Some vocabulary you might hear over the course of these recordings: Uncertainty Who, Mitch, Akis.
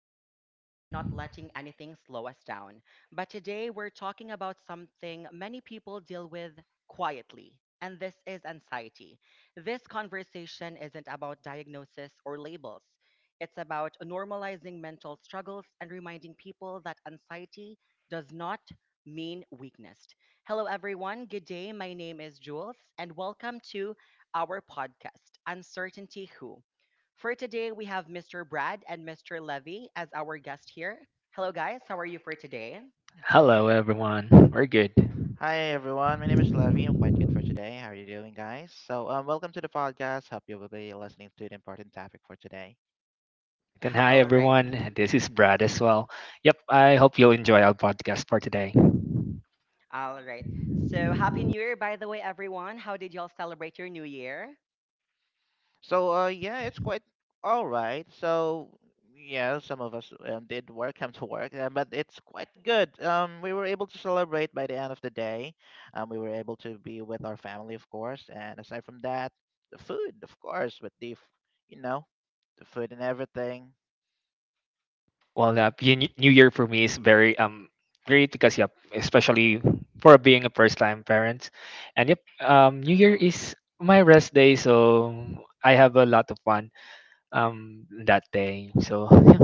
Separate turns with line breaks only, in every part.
pushing through, and not letting anything slow us down. But today we're talking about something many people deal with quietly, and this is anxiety. This conversation isn't about diagnosis or labels, it's about normalizing mental struggles and reminding people that anxiety does not mean weakness. Hello, everyone. Good day. My name is Jules, and welcome to our podcast, Uncertainty Who. For today, we have Mr. Brad and Mr. Levy as our guest here. Hello, guys. How are you for today?
Hello, everyone. We're good.
Hi everyone, my name is Levy. I'm quite good for today. How are you doing, guys? So, welcome to the podcast. Hope you will be listening to the important topic for today.
Right. And hi,
All right.
everyone. This is Brad as well. Yep. I hope you'll enjoy our podcast for today.
All right. So, Happy New Year, by the way, everyone. How did y'all celebrate your New Year?
So, yeah, it's quite all right. So, yeah, some of us did work, come to work, but it's quite good. We were able to celebrate by the end of the day. We were able to be with our family, of course, and aside from that, the food, of course, with the, f- you know, the food and everything.
New Year
Mhm.
for me is very great because, yep, especially for being a first time parent. And, yep, New Year
Oh.
is my rest day. So I have a lot of fun that day. So, yeah.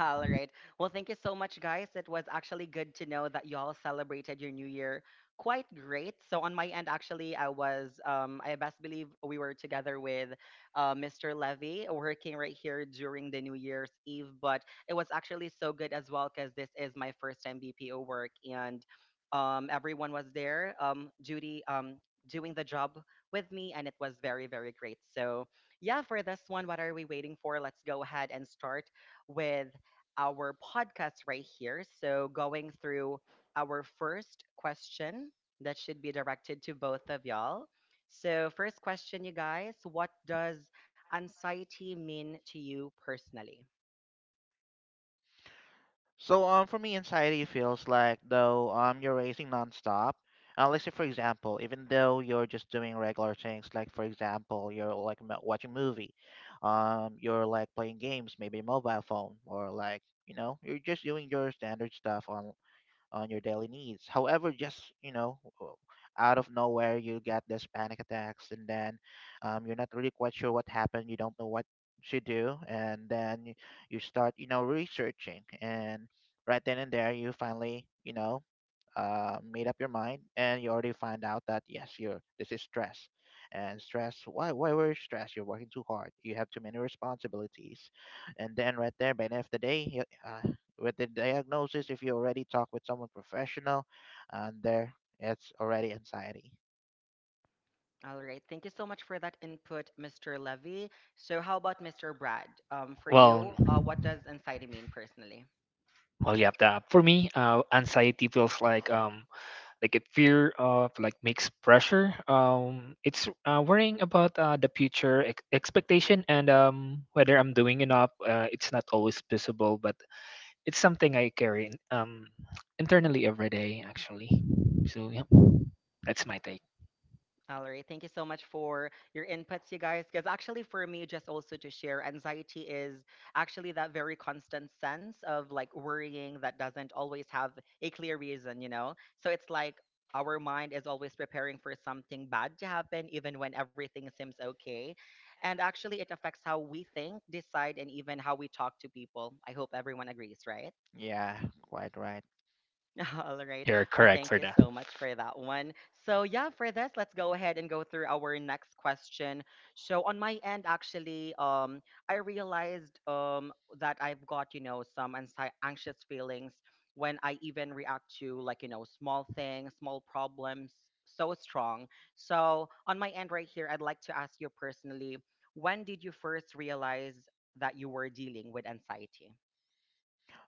All right. Well, thank you so much, guys. It was actually good to know that y'all celebrated your new year quite great. So on my end, actually, I was, I best believe we were together with Mr. Levy working right here during the New Year's Eve. But it was actually so good as well because this is my first time BPO work and everyone was there. Judy, doing the job with me and it was very great. So yeah, for this one, what are we waiting for? Let's go ahead and start with our podcast right here. So, going through our first question that should be directed to both of y'all. So, first question, you guys, what does anxiety mean to you personally?
So for me anxiety feels like though you're racing nonstop. Let's say for example, even though you're just doing regular things, like for example, you're like watching movie, you're like playing games, maybe mobile phone, or you're just doing your standard stuff on your daily needs. However, just you know, w- out of nowhere you get this panic attacks, and then you're not really quite sure what happened. You don't know what to do, and you start researching, and right then and there you finally made up your mind and you already find out that yes, you're this is stress, and stress. Why were you stressed? You're working too hard. You have too many responsibilities, and then right there by the end of the day, with the diagnosis, if you already talk with someone professional, and there it's already anxiety.
All right. Thank you so much for that input, Mr. Levy. So, how about Mr. Brad? For
Well,
you, what does anxiety mean personally?
well, yeah. For me, anxiety feels like a fear of like makes pressure it's worrying about the future expectation and whether I'm doing enough it's not always visible, but it's something I carry internally every day actually. So yeah, that's my take.
All right. Thank you so much for your inputs, you guys. Because actually, for me, just also to share, anxiety is actually that very constant sense of like worrying that doesn't always have a clear reason, you know? So it's like our mind is always preparing for something bad to happen, even when everything seems okay. And actually, it affects how we think, decide, and even how we talk to people. I hope everyone agrees, right?
Yeah, quite right.
All right.
You're
Well,
correct
thank
for
you
that.
so much for that one. So, yeah, for this, let's go ahead and go through our next question. So, on my end, actually, I realized that I've got, you know, some anxious feelings when I even react to like, you know, small things, small problems so strong. So, on my end, right here, I'd like to ask you personally, when did you first realize that you were dealing with anxiety?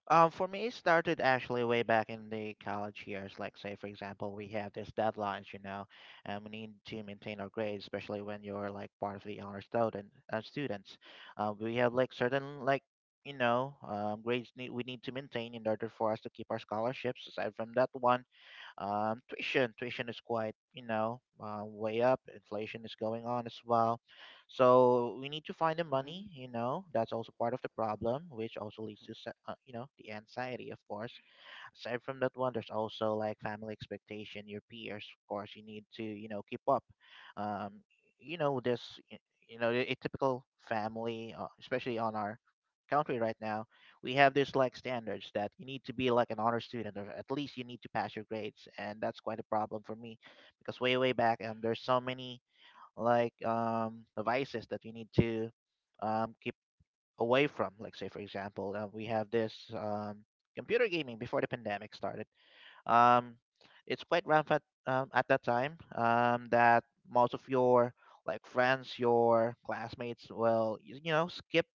For me, it started actually way back in the college years. Like, say, for example, we have these deadlines, you know, and we need to maintain our grades, especially when you're like part of the honor students. We have like certain like grades need, we need to maintain in order for us to keep our scholarships. Aside from that one, tuition is quite, you know, way up. Inflation is going on as well. So we need to find the
Mm-hmm.
money, you know, that's also part of the problem, which also leads to, you know, the anxiety, of course. Aside from that one, there's also like family expectation, your peers, of course, you need to, you know, keep up. Um, you know, you know, a typical family, especially on our country right now, we have this like standards that you need to be like an honor student or at least you need to pass your grades. And that's quite a problem for me because way back, and there's so many like vices that you need to keep away from. Like, say, for example, we have this computer gaming before the pandemic started. um, it's quite rampant at that time that most of your like friends, your classmates will skip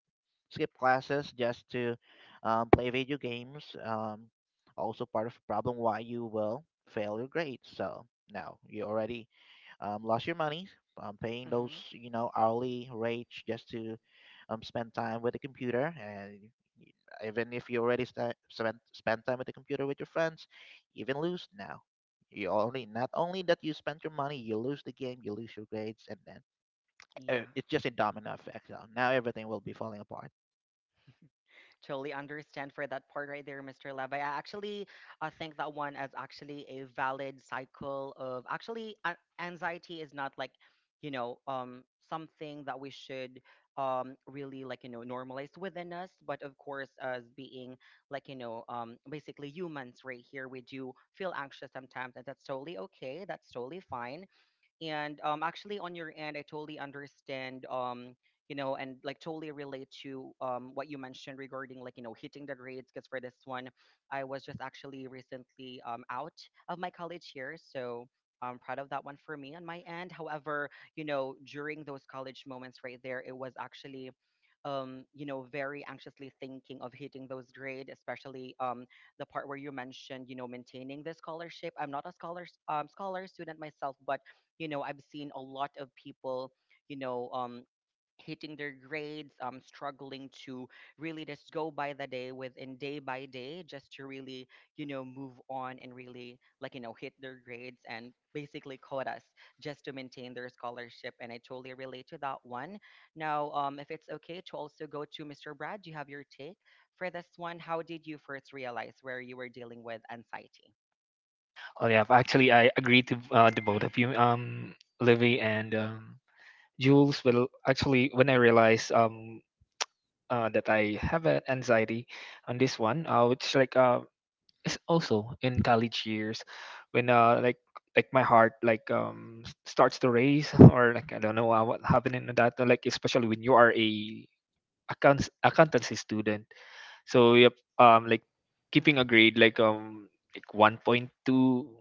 classes just to play video games. Also part of the problem why you will fail your grades. So now you already lost your money paying those
Mm-hmm.
you know hourly rates just to spend time with the computer and y- even if you already sta spent spend time with the computer with your friends you even lose now you only not only that you spent your money you lose the game you lose your grades and then
Yeah.
it's just a domino effect, so now everything will be falling apart.
Totally understand for that part right there, Mr. Levi. I think that one is actually a valid cycle of actually anxiety is not like, you know, something that we should really, like, you know, normalize within us, but of course, as being like, you know, basically humans right here, we do feel anxious sometimes and that's totally okay, that's totally fine. And actually, on your end, I totally understand, you know, and like totally relate to what you mentioned regarding like, you know, hitting the grades. Because for this one, I was just actually recently out of my college years, so I'm proud of that one. For me, on my end, however, you know, during those college moments right there, it was actually you know, very anxiously thinking of hitting those grades, especially the part where you mentioned, you know, maintaining the scholarship. I'm not a scholar, student myself, but you know, I've seen a lot of people, you know, hitting their grades, struggling to really just go by the day, within day by day, just to really, you know, move on and really, like, you know, hit their grades and basically quotas, just to maintain their scholarship, and I totally relate to that one. Now, if it's okay to also go to Mr. Brad, do you have your take for this one? How did you first realize where you were dealing with anxiety?
Well, actually, I agree to the both of you, Livy and Jules. Will actually when I realize that I have an anxiety on this one, which like it's also in college years, when like my heart like starts to race or like I don't know what happened in that, like especially when you are a accountancy student. So yep, like keeping a grade like 1.2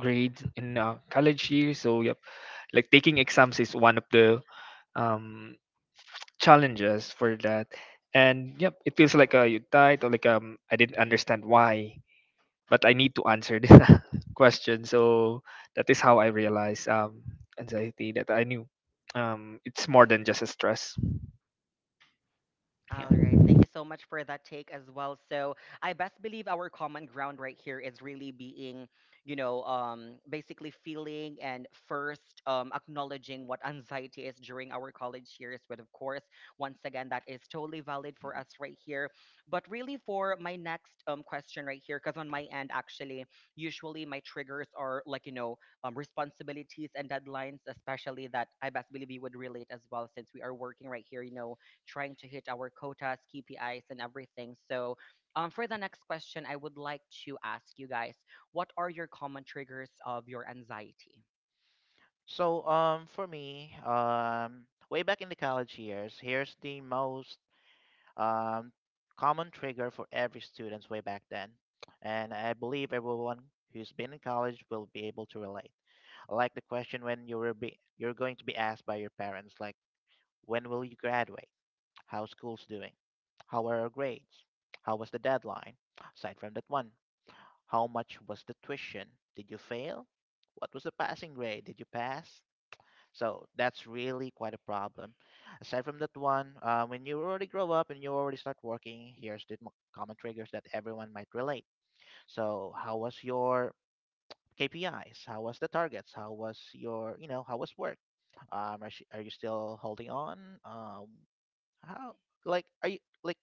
grade in college years. So yep, like taking exams is one of the um challenges for that. And yep, it feels like you died or like I didn't understand why, but I need to answer this question. So that is how I realized anxiety that I knew it's more than just a stress.
All right. Thank you so much for that take as well. So I best believe our common ground right here is really being, you know, basically feeling and first acknowledging what anxiety is during our college years. But of course, once again, that is totally valid for
Mhm.
us right here. But really, for my next question right here, because on my end, actually, usually my triggers are like, you know, responsibilities and deadlines, especially that I best believe you would relate as well since we are working right here, you know, trying to hit our quotas, KPIs, and everything. So, for the next question, I would like to ask you guys, what are your common triggers of your anxiety?
So for me way back in the college years here's the most um, common trigger for every student's way back then. And I believe everyone who's been in college will be able to relate. I like the question when you're going to be asked by your parents, like, when will you graduate? How school's doing? How are our grades? How was the deadline? Aside from that one, how much was the tuition? Did you fail? What was the passing grade? Did you pass? So that's really quite a problem. Aside from that one, when you already grow up and you already start working, here's the common triggers that everyone might relate. So how was your KPIs? How was the targets? How was your, you know, how was work? Are you still holding on? Um, how, like, are you, like,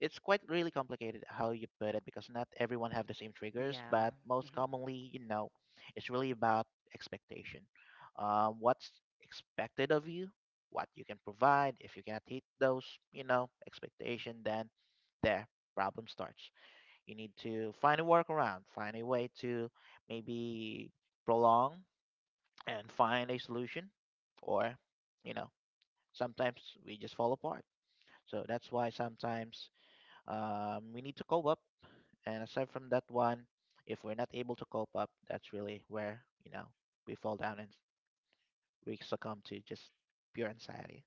it's quite really complicated how you put it because not everyone have the same triggers,
Yeah.
but most commonly, you know, it's really about expectation. What's expected of you, what you can provide. If you cannot hit those, you know, expectation, then there problem starts. You need to find a workaround, find a way to maybe prolong and find a solution, or you know, sometimes we just fall apart. So that's why sometimes we need to cope up, and aside from that one, if we're not able to cope up, that's really where, you know, we fall down and we succumb to just pure anxiety.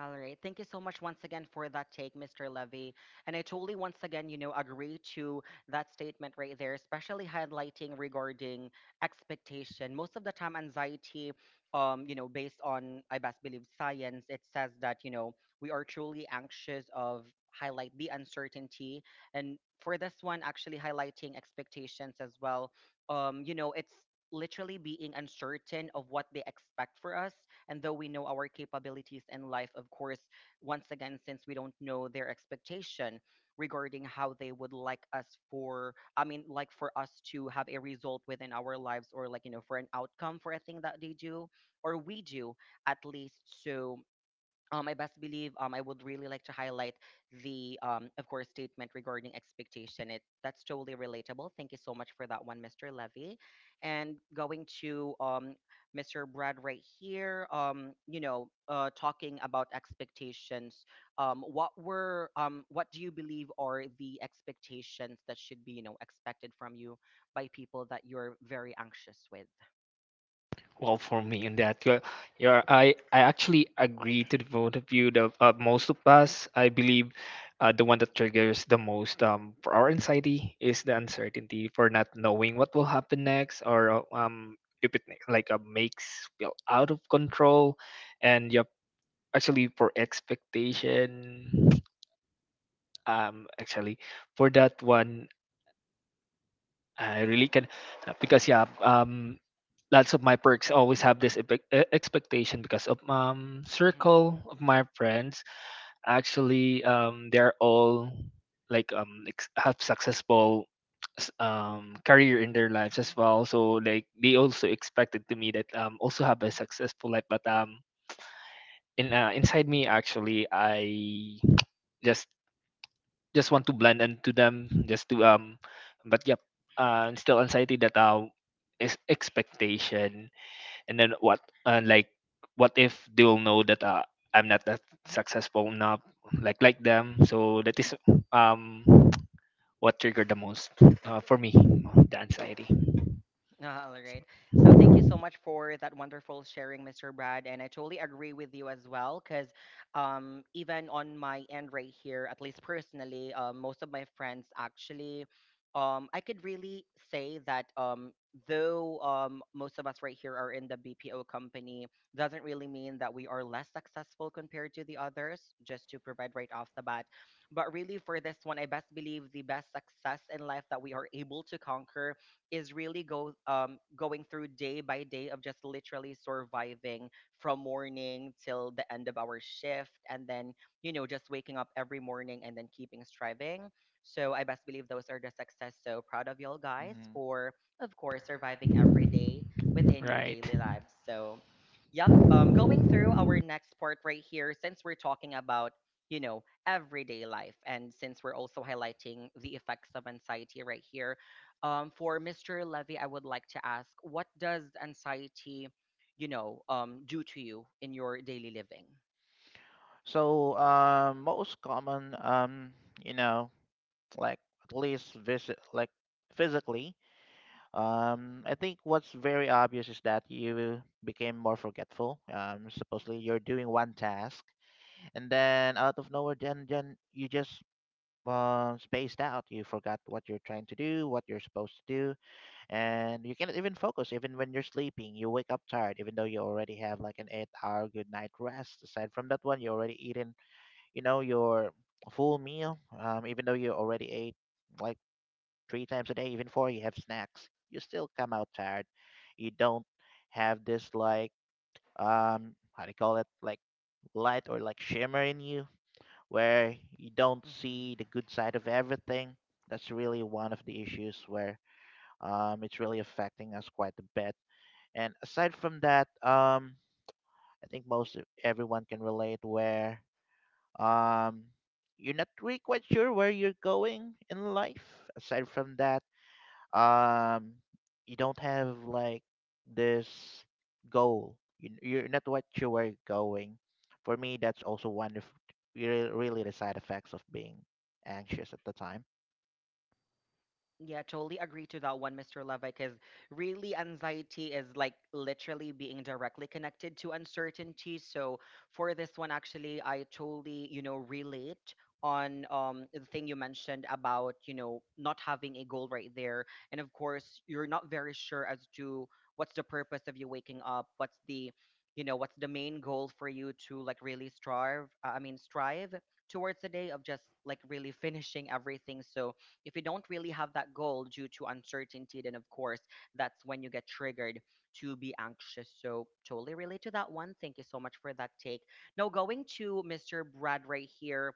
All right. Thank you so much once again for that take, Mr. Levy. And I totally, once again, you know, agree to that statement right there, especially highlighting regarding expectation. Most of the time anxiety, you know, based on I best believe science, it says that, you know, we are truly anxious of highlight the uncertainty. And for this one, actually highlighting expectations as well. You know, it's literally being uncertain of what they expect for us, and though we know our capabilities in life, of course, once again, since we don't know their expectation regarding how they would like us for, I mean, like, for us to have a result within our lives, or like, you know, for an outcome for a thing that they do or we do at least. So I best believe I would really like to highlight the, of course, statement regarding expectation. It That's totally relatable. Thank you so much for that one, Mr. Levy. And going to Mr. Brad right here, you know, talking about expectations. Um, what do you believe are the expectations that should be, you know, expected from you by people that you're very anxious with?
Well, for me, in that, you're, I actually agree to the both of you. The Most of us, I believe, the one that triggers the most for our anxiety is the uncertainty, for not knowing what will happen next, or if it like makes feel out of control. And yep, actually for expectation, actually for that one, I really can, because yeah, lots of my perks always have this expectation because of
Mm-hmm.
circle of my friends. Actually, they're all like have successful career in their lives as well. So like they also expected to me that also have a successful life. But in inside me, actually, I just just want to blend into them just to but yep, still anxiety that is expectation. And then what like what if they'll know that I'm not that successful enough like them. So that is um what triggered the most for me, the anxiety.
All right. So thank you so much for that wonderful sharing, Mr. Brad. And I totally agree with you as well, because even on my end right here, at least personally, most of my friends actually, I could really say that though most of us right here are in the BPO company, doesn't really mean that we are less successful compared to the others, just to provide right off the bat. But really, for this one, I best believe the best success in life that we are able to conquer is really go going through day by day of just literally surviving from morning till the end of our shift, and then you know, just waking up every morning and then keeping striving. So I best believe those are the success. So proud of y'all guys
Hmm.
for, of course, surviving every day within your
Right.
daily lives. So yep, going through our next part right here, since we're talking about, you know, everyday life, and since we're also highlighting the effects of anxiety right here, for Mr. Levy, I would like to ask, what does anxiety, you know, do to you in your daily living?
So, most common, you know, like at least visit, like physically, I think what's very obvious is that you became more forgetful. Supposedly you're doing one task and then out of nowhere then you just spaced out, you forgot what you're trying to do, what you're supposed to do, and you cannot even focus. Even when you're sleeping you wake up tired even though you already have like an 8 hour good night rest. Aside from that one you already eaten, you know, your full meal, even though you already ate like three times a day, even four, you have snacks, you still come out tired. You don't have this like how do you call it, like light or like shimmer in you, where you don't
Hmm.
see the good side of everything. That's really one of the issues where it's really affecting us quite a bit. And aside from that, I think everyone can relate where um, you're not really quite sure where you're going in life. Aside from that, um you don't have like this goal, you're not what you were going. For me that's also one of really the side effects of being anxious at the time.
Yeah, totally agree to that one, Mr. Levi, because really anxiety is like literally being directly connected to uncertainty. So for this one, actually, I totally, you know, relate on the thing you mentioned about, you know, not having a goal right there. And of course, you're not very sure as to what's the purpose of you waking up, what's the, you know, what's the main goal for you to like really strive I mean strive towards the day of just like really finishing everything. So if you don't really have that goal due to uncertainty, then of course that's when you get triggered to be anxious. So totally relate to that one. Thank you so much for that take. Now going to Mr. Brad right here,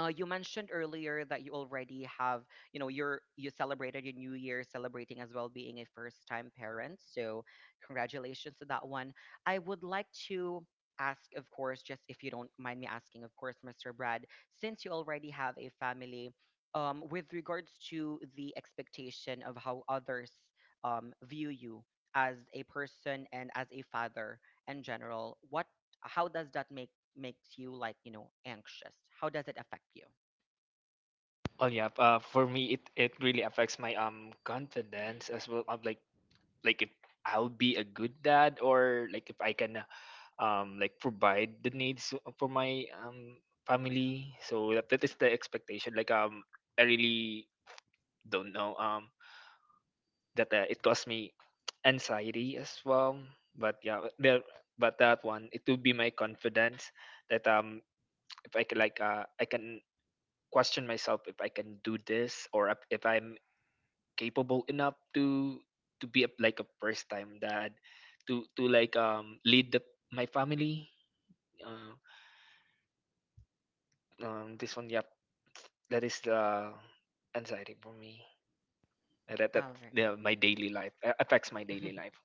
you mentioned earlier that you already have, you know, you celebrated your new year, celebrating as well, being a first time parent, so congratulations to that one. I would like to ask, of course, just if you don't mind me asking, of course, Mr. Brad, since you already have a family, with regards to the expectation of how others view you as a person and as a father in general, what, how does that make makes you, like, you know, anxious? How does it affect you?
Oh yeah for me, it really affects my confidence as well, of like if I'll be a good dad or like if I can like provide the needs for my family. So that is the expectation. Like I really don't know that it caused me anxiety as well. But yeah, there but that one it would be my confidence that if I could like I can question myself if I can do this, or if I'm capable enough to be a, like a first time dad, to like lead my family. uh, this one, yep, that is the anxiety for me. That
All right.
yeah, my daily life affects my daily life.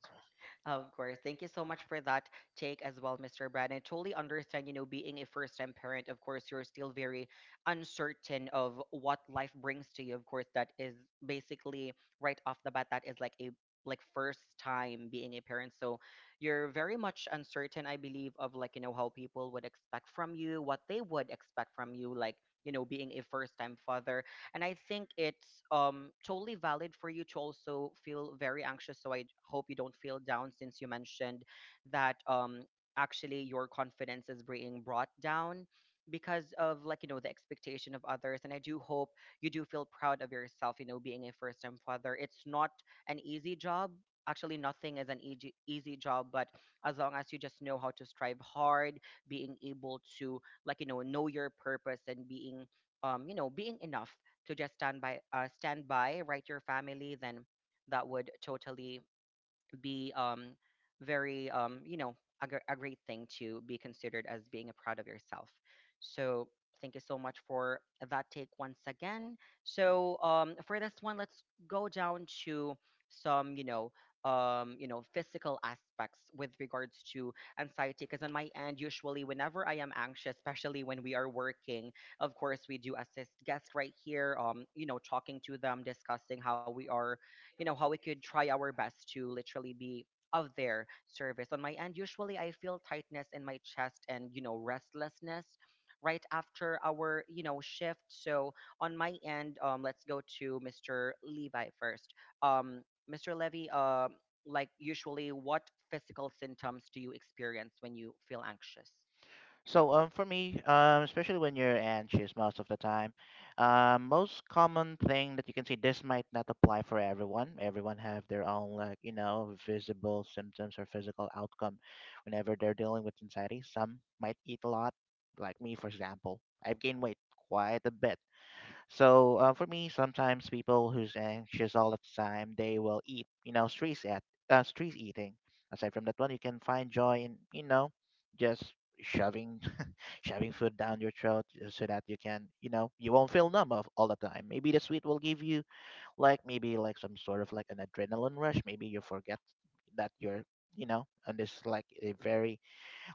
Of course. Thank you so much for that take as well, Mr. Brad. I totally understand, you know, being a first time parent, of course, you're still very uncertain of what life brings to you. Of course, that is basically right off the bat, that is like a first time being a parent, so you're very much uncertain, I believe, of like, you know, how people would expect from you, what they would expect from you, like, you know, being a first time father. And I think it's totally valid for you to also feel very anxious, so I hope you don't feel down since you mentioned that actually your confidence is being brought down because of, like, you know, the expectation of others. And I do hope you do feel proud of yourself, you know, being a first time father. It's not an easy job. Actually, nothing is an easy job, but as long as you just know how to strive hard, being able to, like, you know your purpose, and being you know, being enough to just stand by, stand by right, your family, then that would totally be very, you know, a great thing to be considered as being a proud of yourself. So thank you so much for that take once again. So for this one, let's go down to some, you know, you know, physical aspects with regards to anxiety. Because on my end, usually whenever I am anxious, especially when we are working, of course we do assist guests right here, you know, talking to them, discussing how we are, you know, how we could try our best to literally be of their service. On my end, usually I feel tightness in my chest and, you know, restlessness right after our, you know, shift. So on my end, let's go to Mr. Levi first. um Mr. Levy, like, usually what physical symptoms do you experience when you feel anxious?
So for me, especially when you're anxious most of the time, most common thing that you can see, this might not apply for everyone. Everyone have their own like, you know, visible symptoms or physical outcome whenever they're dealing with anxiety. Some might eat a lot, like me for example. I've gained weight quite a bit. So for me, sometimes people who's anxious all the time, they will eat, you know, street eating. Aside from that one, you can find joy in, you know, just shoving shoving food down your throat so that you can, you know, you won't feel numb of all the time. Maybe the sweet will give you like maybe like some sort of like an adrenaline rush. Maybe you forget that you're, you know, and this is like a very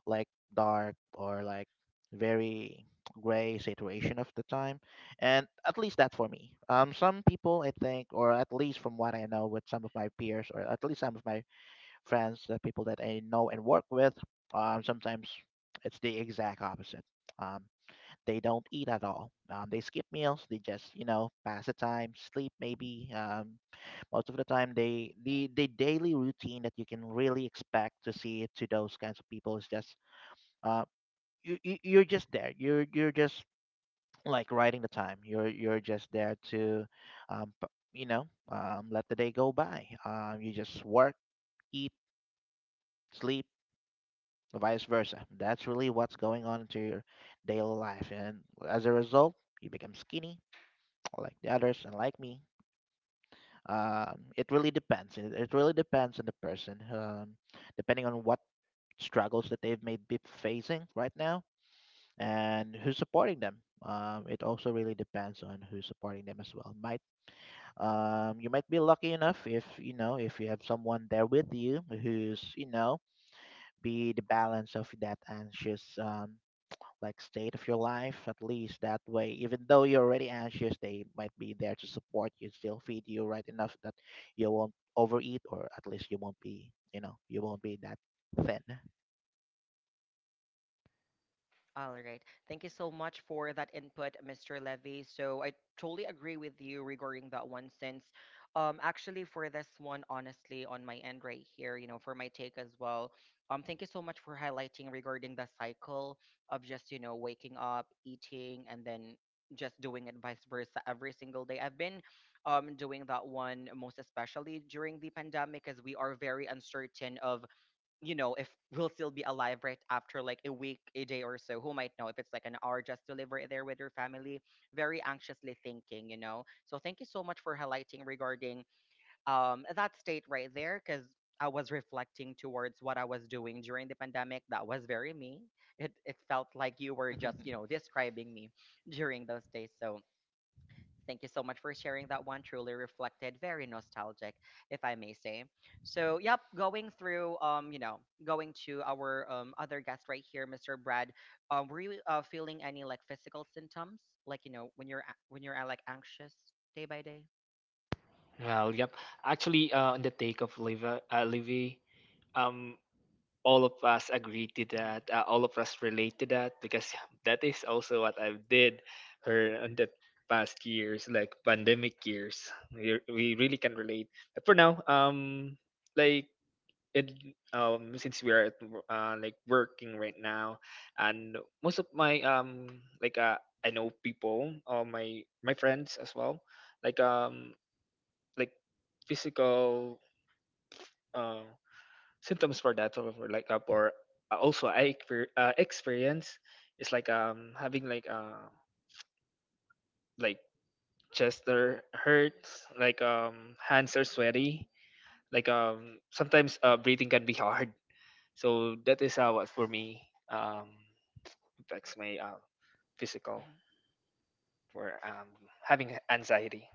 like dark or like very gray situation of the time. And at least that for me. Some people I think, or at least from what I know with some of my peers, or at least some of my friends, the people that I know and work with, sometimes it's the exact opposite. Um, they don't eat at all. They skip meals. They just you know pass the time, sleep maybe. Most of the time, they the daily routine that you can really expect to see to those kinds of people is just uh, you, you're just there. You're just like riding the time. You're just there to, um, p- you know, let the day go by. You just work, eat, sleep. Vice versa. That's really what's going on into your daily life, and as a result, you become skinny like the others and like me. It really depends on the person, depending on what struggles that they've may be facing right now and who's supporting them. It also really depends on who's supporting them as well. Might you might be lucky enough if, you know, if you have someone there with you who's, you know, be the balance of that anxious like state of your life. At least that way, even though you're already anxious, they might be there to support you, still feed you right enough that you won't overeat, or at least you won't be, you know, you won't be that thin.
All right. Thank you so much for that input, Mr. Levy. So I totally agree with you regarding that one. Since actually, for this one, honestly, on my end right here, you know, for my take as well. Thank you so much for highlighting regarding the cycle of just, you know, waking up, eating, and then just doing it vice versa every single day. I've been doing that one most especially during the pandemic, as we are very uncertain of, you know, if we'll still be alive right after like a week, a day or so, who might know if it's like an hour just to live right there with your family, very anxiously thinking, you know. So thank you so much for highlighting regarding that state right there, because I was reflecting towards what I was doing during the pandemic. That was very me. It felt like you were just, you know, describing me during those days. So thank you so much for sharing that one. Truly reflected, very nostalgic, if I may say. So, yep, going through, you know, going to our other guest right here, Mr. Brad. Were you feeling any like physical symptoms, like, you know, when when you're like anxious day by day?
Well, yep. Actually, on the take of Livy, um, all of us agree to
Hmm.
that. All of us relate to that because that is also what I did her in the past years, like pandemic years. We really can relate. But for now, like it, since we are like working right now, and most of my like I know people, all my friends as well, like um, like physical uh, symptoms for that, or for like for also I experience is like having like like chest that hurts, like hands are sweaty, like sometimes breathing can be hard. So that is how what for me um affects my physical for having anxiety.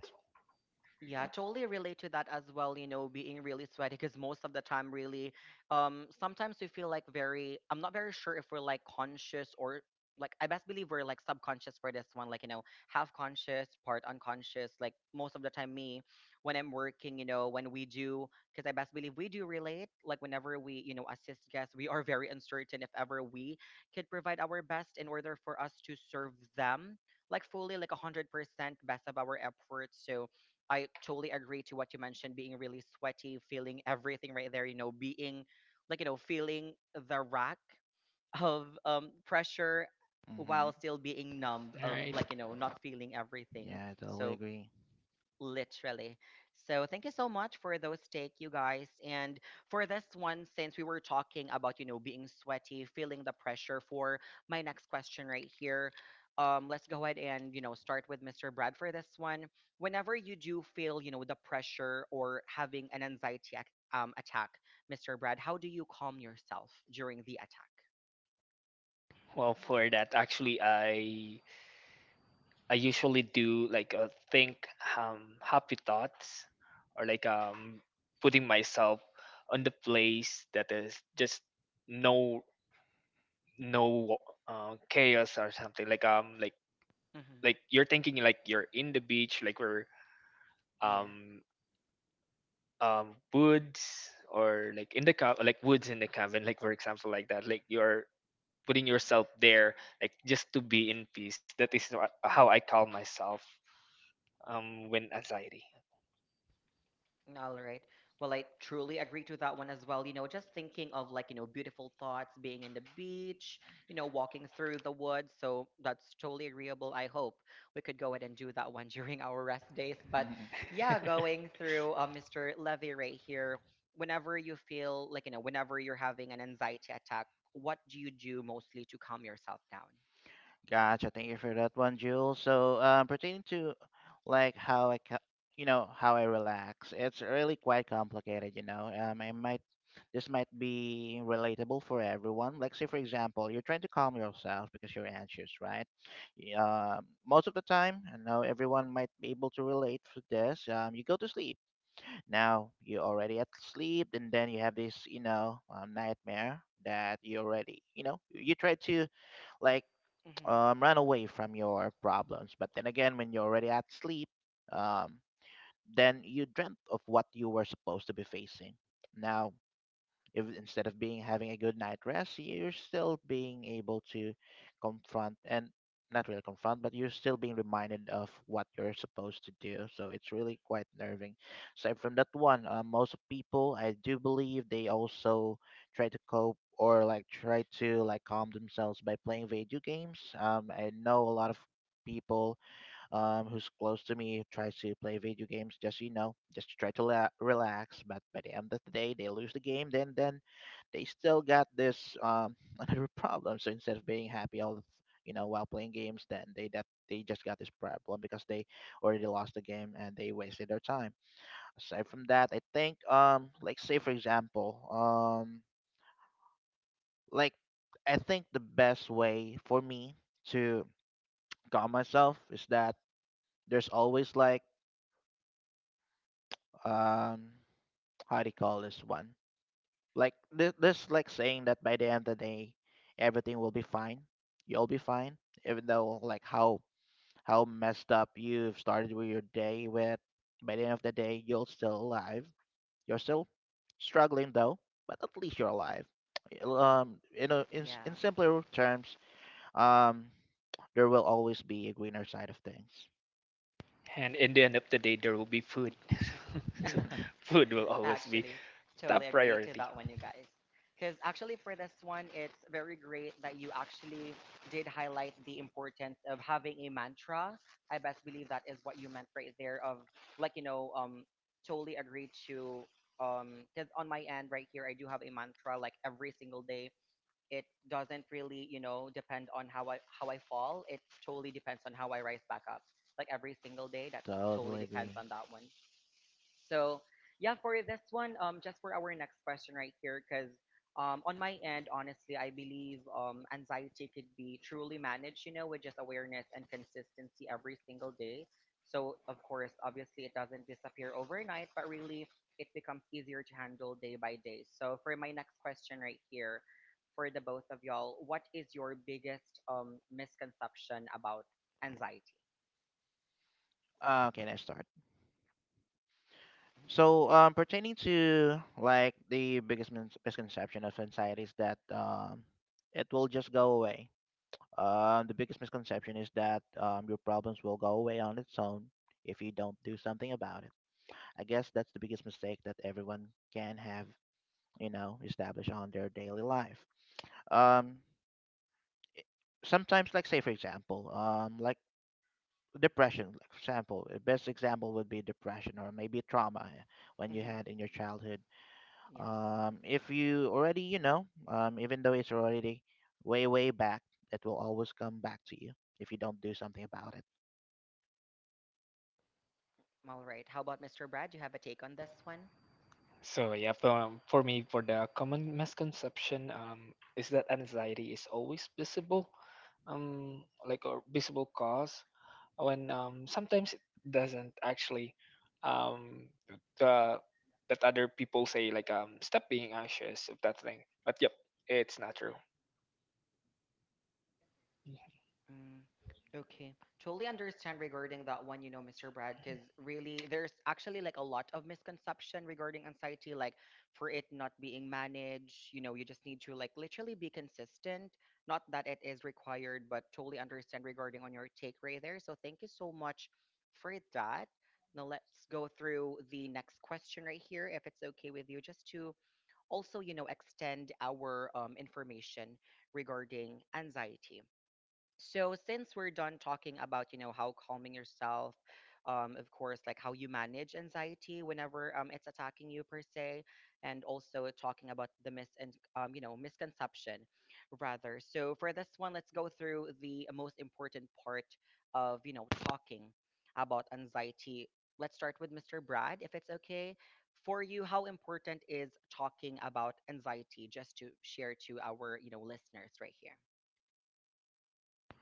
Yeah, I totally relate to that as well, you know, being really sweaty. Because most of the time, really, sometimes we feel like, very, I'm not very sure if we're like conscious or like, I best believe we're like subconscious for this one, like, you know, half conscious, part unconscious. Like most of the time me, when I'm working, you know, when we do, because I best believe we do relate, like whenever we, you know, assist guests, we are very uncertain if ever we could provide our best in order for us to serve them like fully, like 100% best of our efforts. So I totally agree to what you mentioned, being really sweaty, feeling everything right there, you know, being, like, you know, feeling the rack of pressure
Hmm.
while still being numb of,
Alright,
like, you know, not feeling everything.
Yeah, I totally
So
agree.
literally. So thank you so much for those take, you guys. And for this one, since we were talking about, you know, being sweaty, feeling the pressure, for my next question right here. Let's go ahead and, you know, start with Mr. Brad for this one. Whenever you do feel, you know, the pressure or having an attack, Mr. Brad, how do you calm yourself during the attack?
for that actually I usually do like a think happy thoughts, or like putting myself on the place that is just no no chaos or something, like
Mm-hmm.
you're thinking like you're in the beach, like we're
Yeah.
um woods or like in the cab like woods in the cabin, like for example, like that, like you're putting yourself there, like just to be in peace. That is how I calm myself when anxiety.
All right. Well, I truly agree to that one as well. You know, just thinking of like, you know, beautiful thoughts, being in the beach, you know, walking through the woods. So that's totally agreeable. I hope we could go ahead and do that one during our rest days. But
Mhm.
yeah, going through Mr. Levy right here, whenever you feel like, you know, whenever you're having an anxiety attack, what do you do mostly to calm yourself down?
Gotcha, thank you for that one, Jules. So pertaining to like how i ca- you know, how I relax, it's really quite complicated, you know. I might This might be relatable for everyone. Like, say, for example, you're trying to calm yourself because you're anxious, right? Y- Uh, Most of the time, I know everyone might be able to relate to this. You go to sleep. Now, you're already at sleep, and then you have this, nightmare that you already, you know, you try to, like,
Hmm.
run away from your problems. But then again, when you're already at sleep, um, then you dreamt of what you were supposed to be facing. Now, if instead of being having a good night rest, you're still being able to confront and not really confront, but you're still being reminded of what you're supposed to do, so it's really quite nerving. Aside from that one, most people, I do believe they also try to cope, or like try to like calm themselves by playing video games. I know a lot of people who's close to me tries to play video games, just, you know, just to try to relax, but by the end of the day they lose the game, then they still got this, another problem. So instead of being happy you know, while playing games, then they just got this problem because they already lost the game and they wasted their time. Aside from that, I think, like say for example, like, I think the best way for me to calm myself is that there's always like, um how do you call this one, like this like saying that by the end of the day, everything will be fine. You'll be fine, even though like how messed up you've started with your day with. By the end of the day, you're still alive. You're still struggling, though, but at least you're alive. You know,
Yeah.
in simpler terms, um, there will always be a greener side of things.
And in the end of the day, there will be food.
Mhm.
So food will always be
Actually, totally
top
agree to
priority.
that one, you
like
guys. Because actually, for this one, it's very great that you actually did highlight the importance of having a mantra. I best believe that is what you meant right there. Of like, you know, totally agree to. Because on my end right here, I do have a mantra like every single day. It doesn't really, you know, depend on how I fall. It totally depends on how I rise back up. Like every single day, that totally
Totally
depends
agree.
on that one. So yeah, for this one, just for our next question right here, because on my end, honestly, I believe anxiety could be truly managed, you know, with just awareness and consistency every single day. So of course, obviously, it doesn't disappear overnight, but really, it becomes easier to handle day by day. So for my next question right here, for the both of y'all, what is your biggest misconception about anxiety?
Okay, let's start. So pertaining to like the biggest misconception of anxiety is that, it will just go away. The biggest misconception is that, your problems will go away on its own if you don't do something about it. I guess that's the biggest mistake that everyone can have, you know, established on their daily life. Um, Sometimes, like say for example, like depression, like for example, the best example would be depression or maybe trauma when you
Hmm.
had in your childhood.
Yes.
If you already, you know, even though it's already way, way back, it will always come back to you if you don't do something about it.
All right, how about Mr. Brad? Do you have a take on this one?
So yeah, for me, for the common misconception, is that anxiety is always visible, like a visible cause. When sometimes it doesn't actually. Um, the That other people say like stop being anxious of that thing. But yep, it's not true.
Mm, okay. Totally understand regarding that one, you know, Mr. Brad. Because really there's actually like a lot of misconception regarding anxiety, like for it not being managed, you know, you just need to like literally be consistent. Not that it is required, but totally understand regarding on your take right there. So thank you so much for that. Now let's go through the next question right here, if it's okay with you, just to also, you know, extend our information regarding anxiety. So since we're done talking about, you know, how calming yourself, of course, like how you manage anxiety whenever it's attacking you per se, and also talking about the mis and you know, misconception, rather. So for this one, let's go through the most important part of, you know, talking about anxiety. Let's start with Mr. Brad. If it's okay for you, how important is talking about anxiety, just to share to our, you know, listeners right here?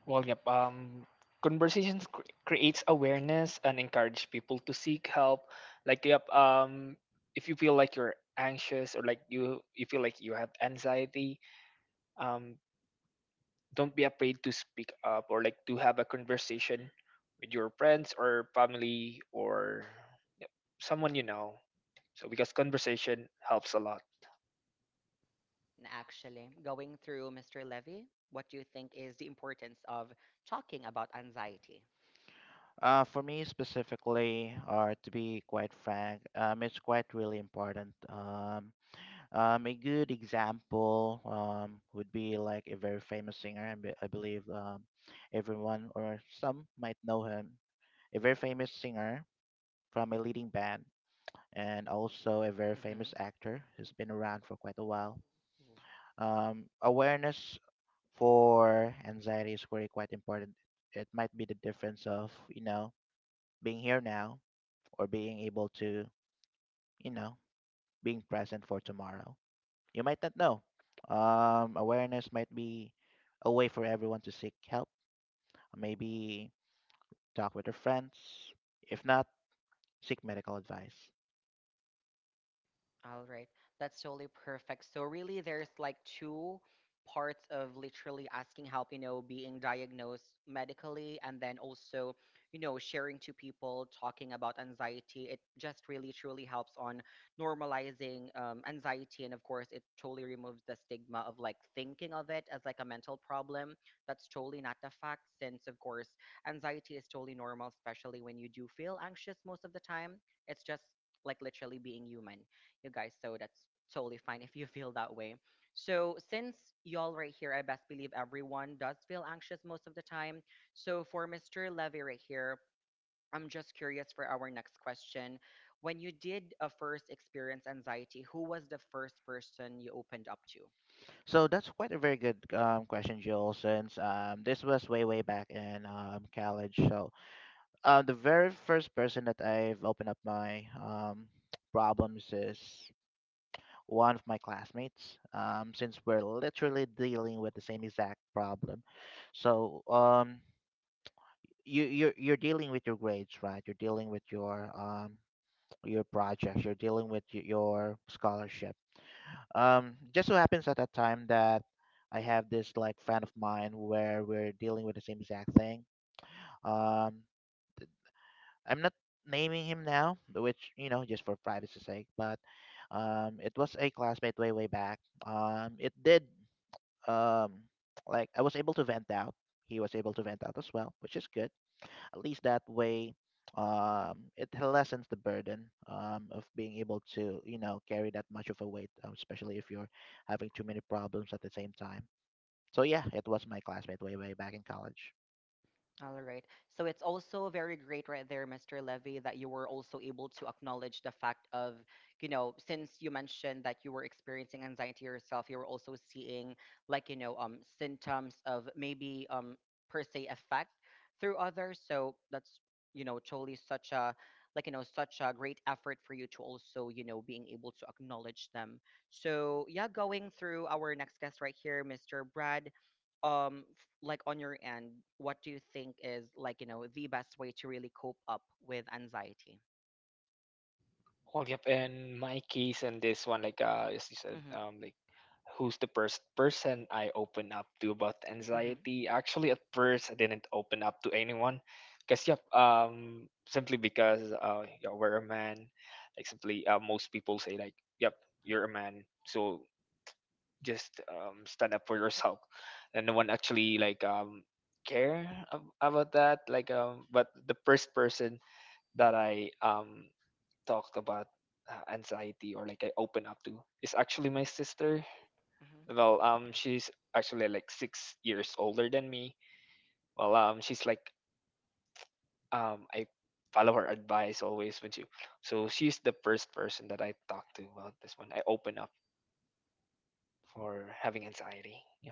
Well, yep. Conversations creates awareness and encourage people to seek help. Like, yep. If you feel like you're anxious, or like you feel like you have anxiety, um, don't be afraid to speak up, or like to have a conversation with your friends or family or someone you know. So because conversation helps a lot.
Actually, going through Mr. Levy, what do you think is the importance of talking about anxiety?
For me specifically, or to be quite frank, it's quite really important. A good example would be like a very famous singer, and I believe, everyone or some might know him. A very famous singer from a leading band, and also a very
Hmm.
famous actor who's been around for quite a while. Awareness for anxiety is very quite important. It might be the difference of, you know, being here now or being able to, you know, being present for tomorrow. You might not know. Awareness might be a way for everyone to seek help. Maybe talk with their friends. If not, seek medical advice.
All right. That's totally perfect. So really there's like two parts of literally asking help, you know, being diagnosed medically, and then also, you know, sharing to people, talking about anxiety. It just really truly helps on normalizing anxiety, and of course it totally removes the stigma of like thinking of it as like a mental problem. That's totally not the fact, since of course anxiety is totally normal, especially when you do feel anxious most of the time. It's just like literally being human, you guys. So that's totally fine if you feel that way. So since y'all right here, I best believe everyone does feel anxious most of the time. So for Mr. Levy right here, I'm just curious for our next question. When you did a first experience anxiety, who was the first person you opened up to?
So that's quite a very good question, Joel. Since, this was way way back in, college, so, the very first person that I've opened up my, problems is one of my classmates. Since we're literally dealing with the same exact problem, so, you're dealing with your grades, right? You're dealing with your, your projects. You're dealing with your scholarship. Just so happens at that time that, I have this like friend of mine where we're dealing with the same exact thing. Um, I'm not naming him now, which, you know, just for privacy sake. But, it was a classmate way way back. It did, um, like I was able to vent out. He was able to vent out as well, which is good. At least that way, it lessens the burden, of being able to, you know, carry that much of a weight, especially if you're having too many problems at the same time. So yeah, it was my classmate way way back in college.
All right. So it's also very great right there, Mr. Levy, that you were also able to acknowledge the fact of, you know, since you mentioned that you were experiencing anxiety yourself, you were also seeing, like, you know, symptoms of maybe per se effect through others. So that's, you know, totally such a, like, you know, such a great effort for you to also, you know, being able to acknowledge them. So yeah, going through our next guest right here, Mr. Brad, um f- like, on your end, what do you think is, like, you know, the best way to really cope up with anxiety?
Well, yep. In my case, and this one, like as you said,
Mm-hmm.
like who's the first person I open up to about
Mm-hmm.
anxiety? Actually, at first, I didn't open up to anyone, because yep, simply because yeah, we're a man. Like simply, most people say like, yep, you're a man, so just stand up for yourself, and no one actually like care about that. Like but the first person that I talked about anxiety, or like I open up to, is actually my sister.
Mm-hmm.
Well, she's actually like 6 years older than me. Well, she's like I follow her advice always when she. So she's the first person that I talk to about this one. I open up for having anxiety. Yeah.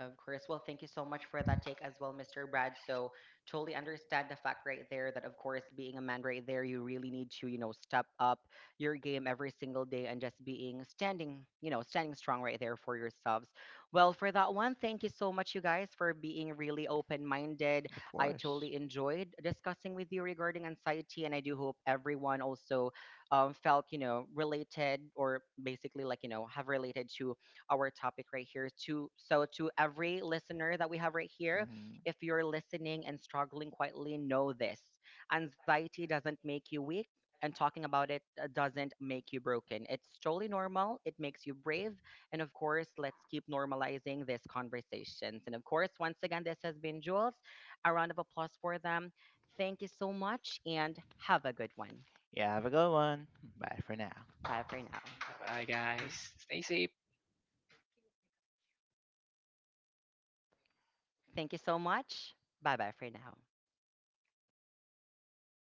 Of course. Well, thank you so much for that take as well, Mr. Brad. So, totally understand the fact right there that, of course, being a man right there, you really need to, you know, step up your game every single day and just being standing, you know, standing strong right there for yourselves. Well, for that one, thank you so much, you guys, for being really open minded.
Of
I
course.
totally enjoyed discussing with you regarding anxiety, and I do hope everyone also felt, you know, related, or basically like, you know, have related to our topic right here to. So to every listener that we have right here,
Hmm.
if you're listening and struggling quietly, know this: anxiety doesn't make you weak, and talking about it doesn't make you broken. It's totally normal. It makes you brave. And of course, let's keep normalizing these conversations. And of course, once again, this has been Jules. A round of applause for them. Thank you so much and have a good one.
Yeah, have a good one. Bye for now.
Bye for now.
Bye, guys.
Mhm.
Stay safe.
Thank you so much. Bye, bye for now.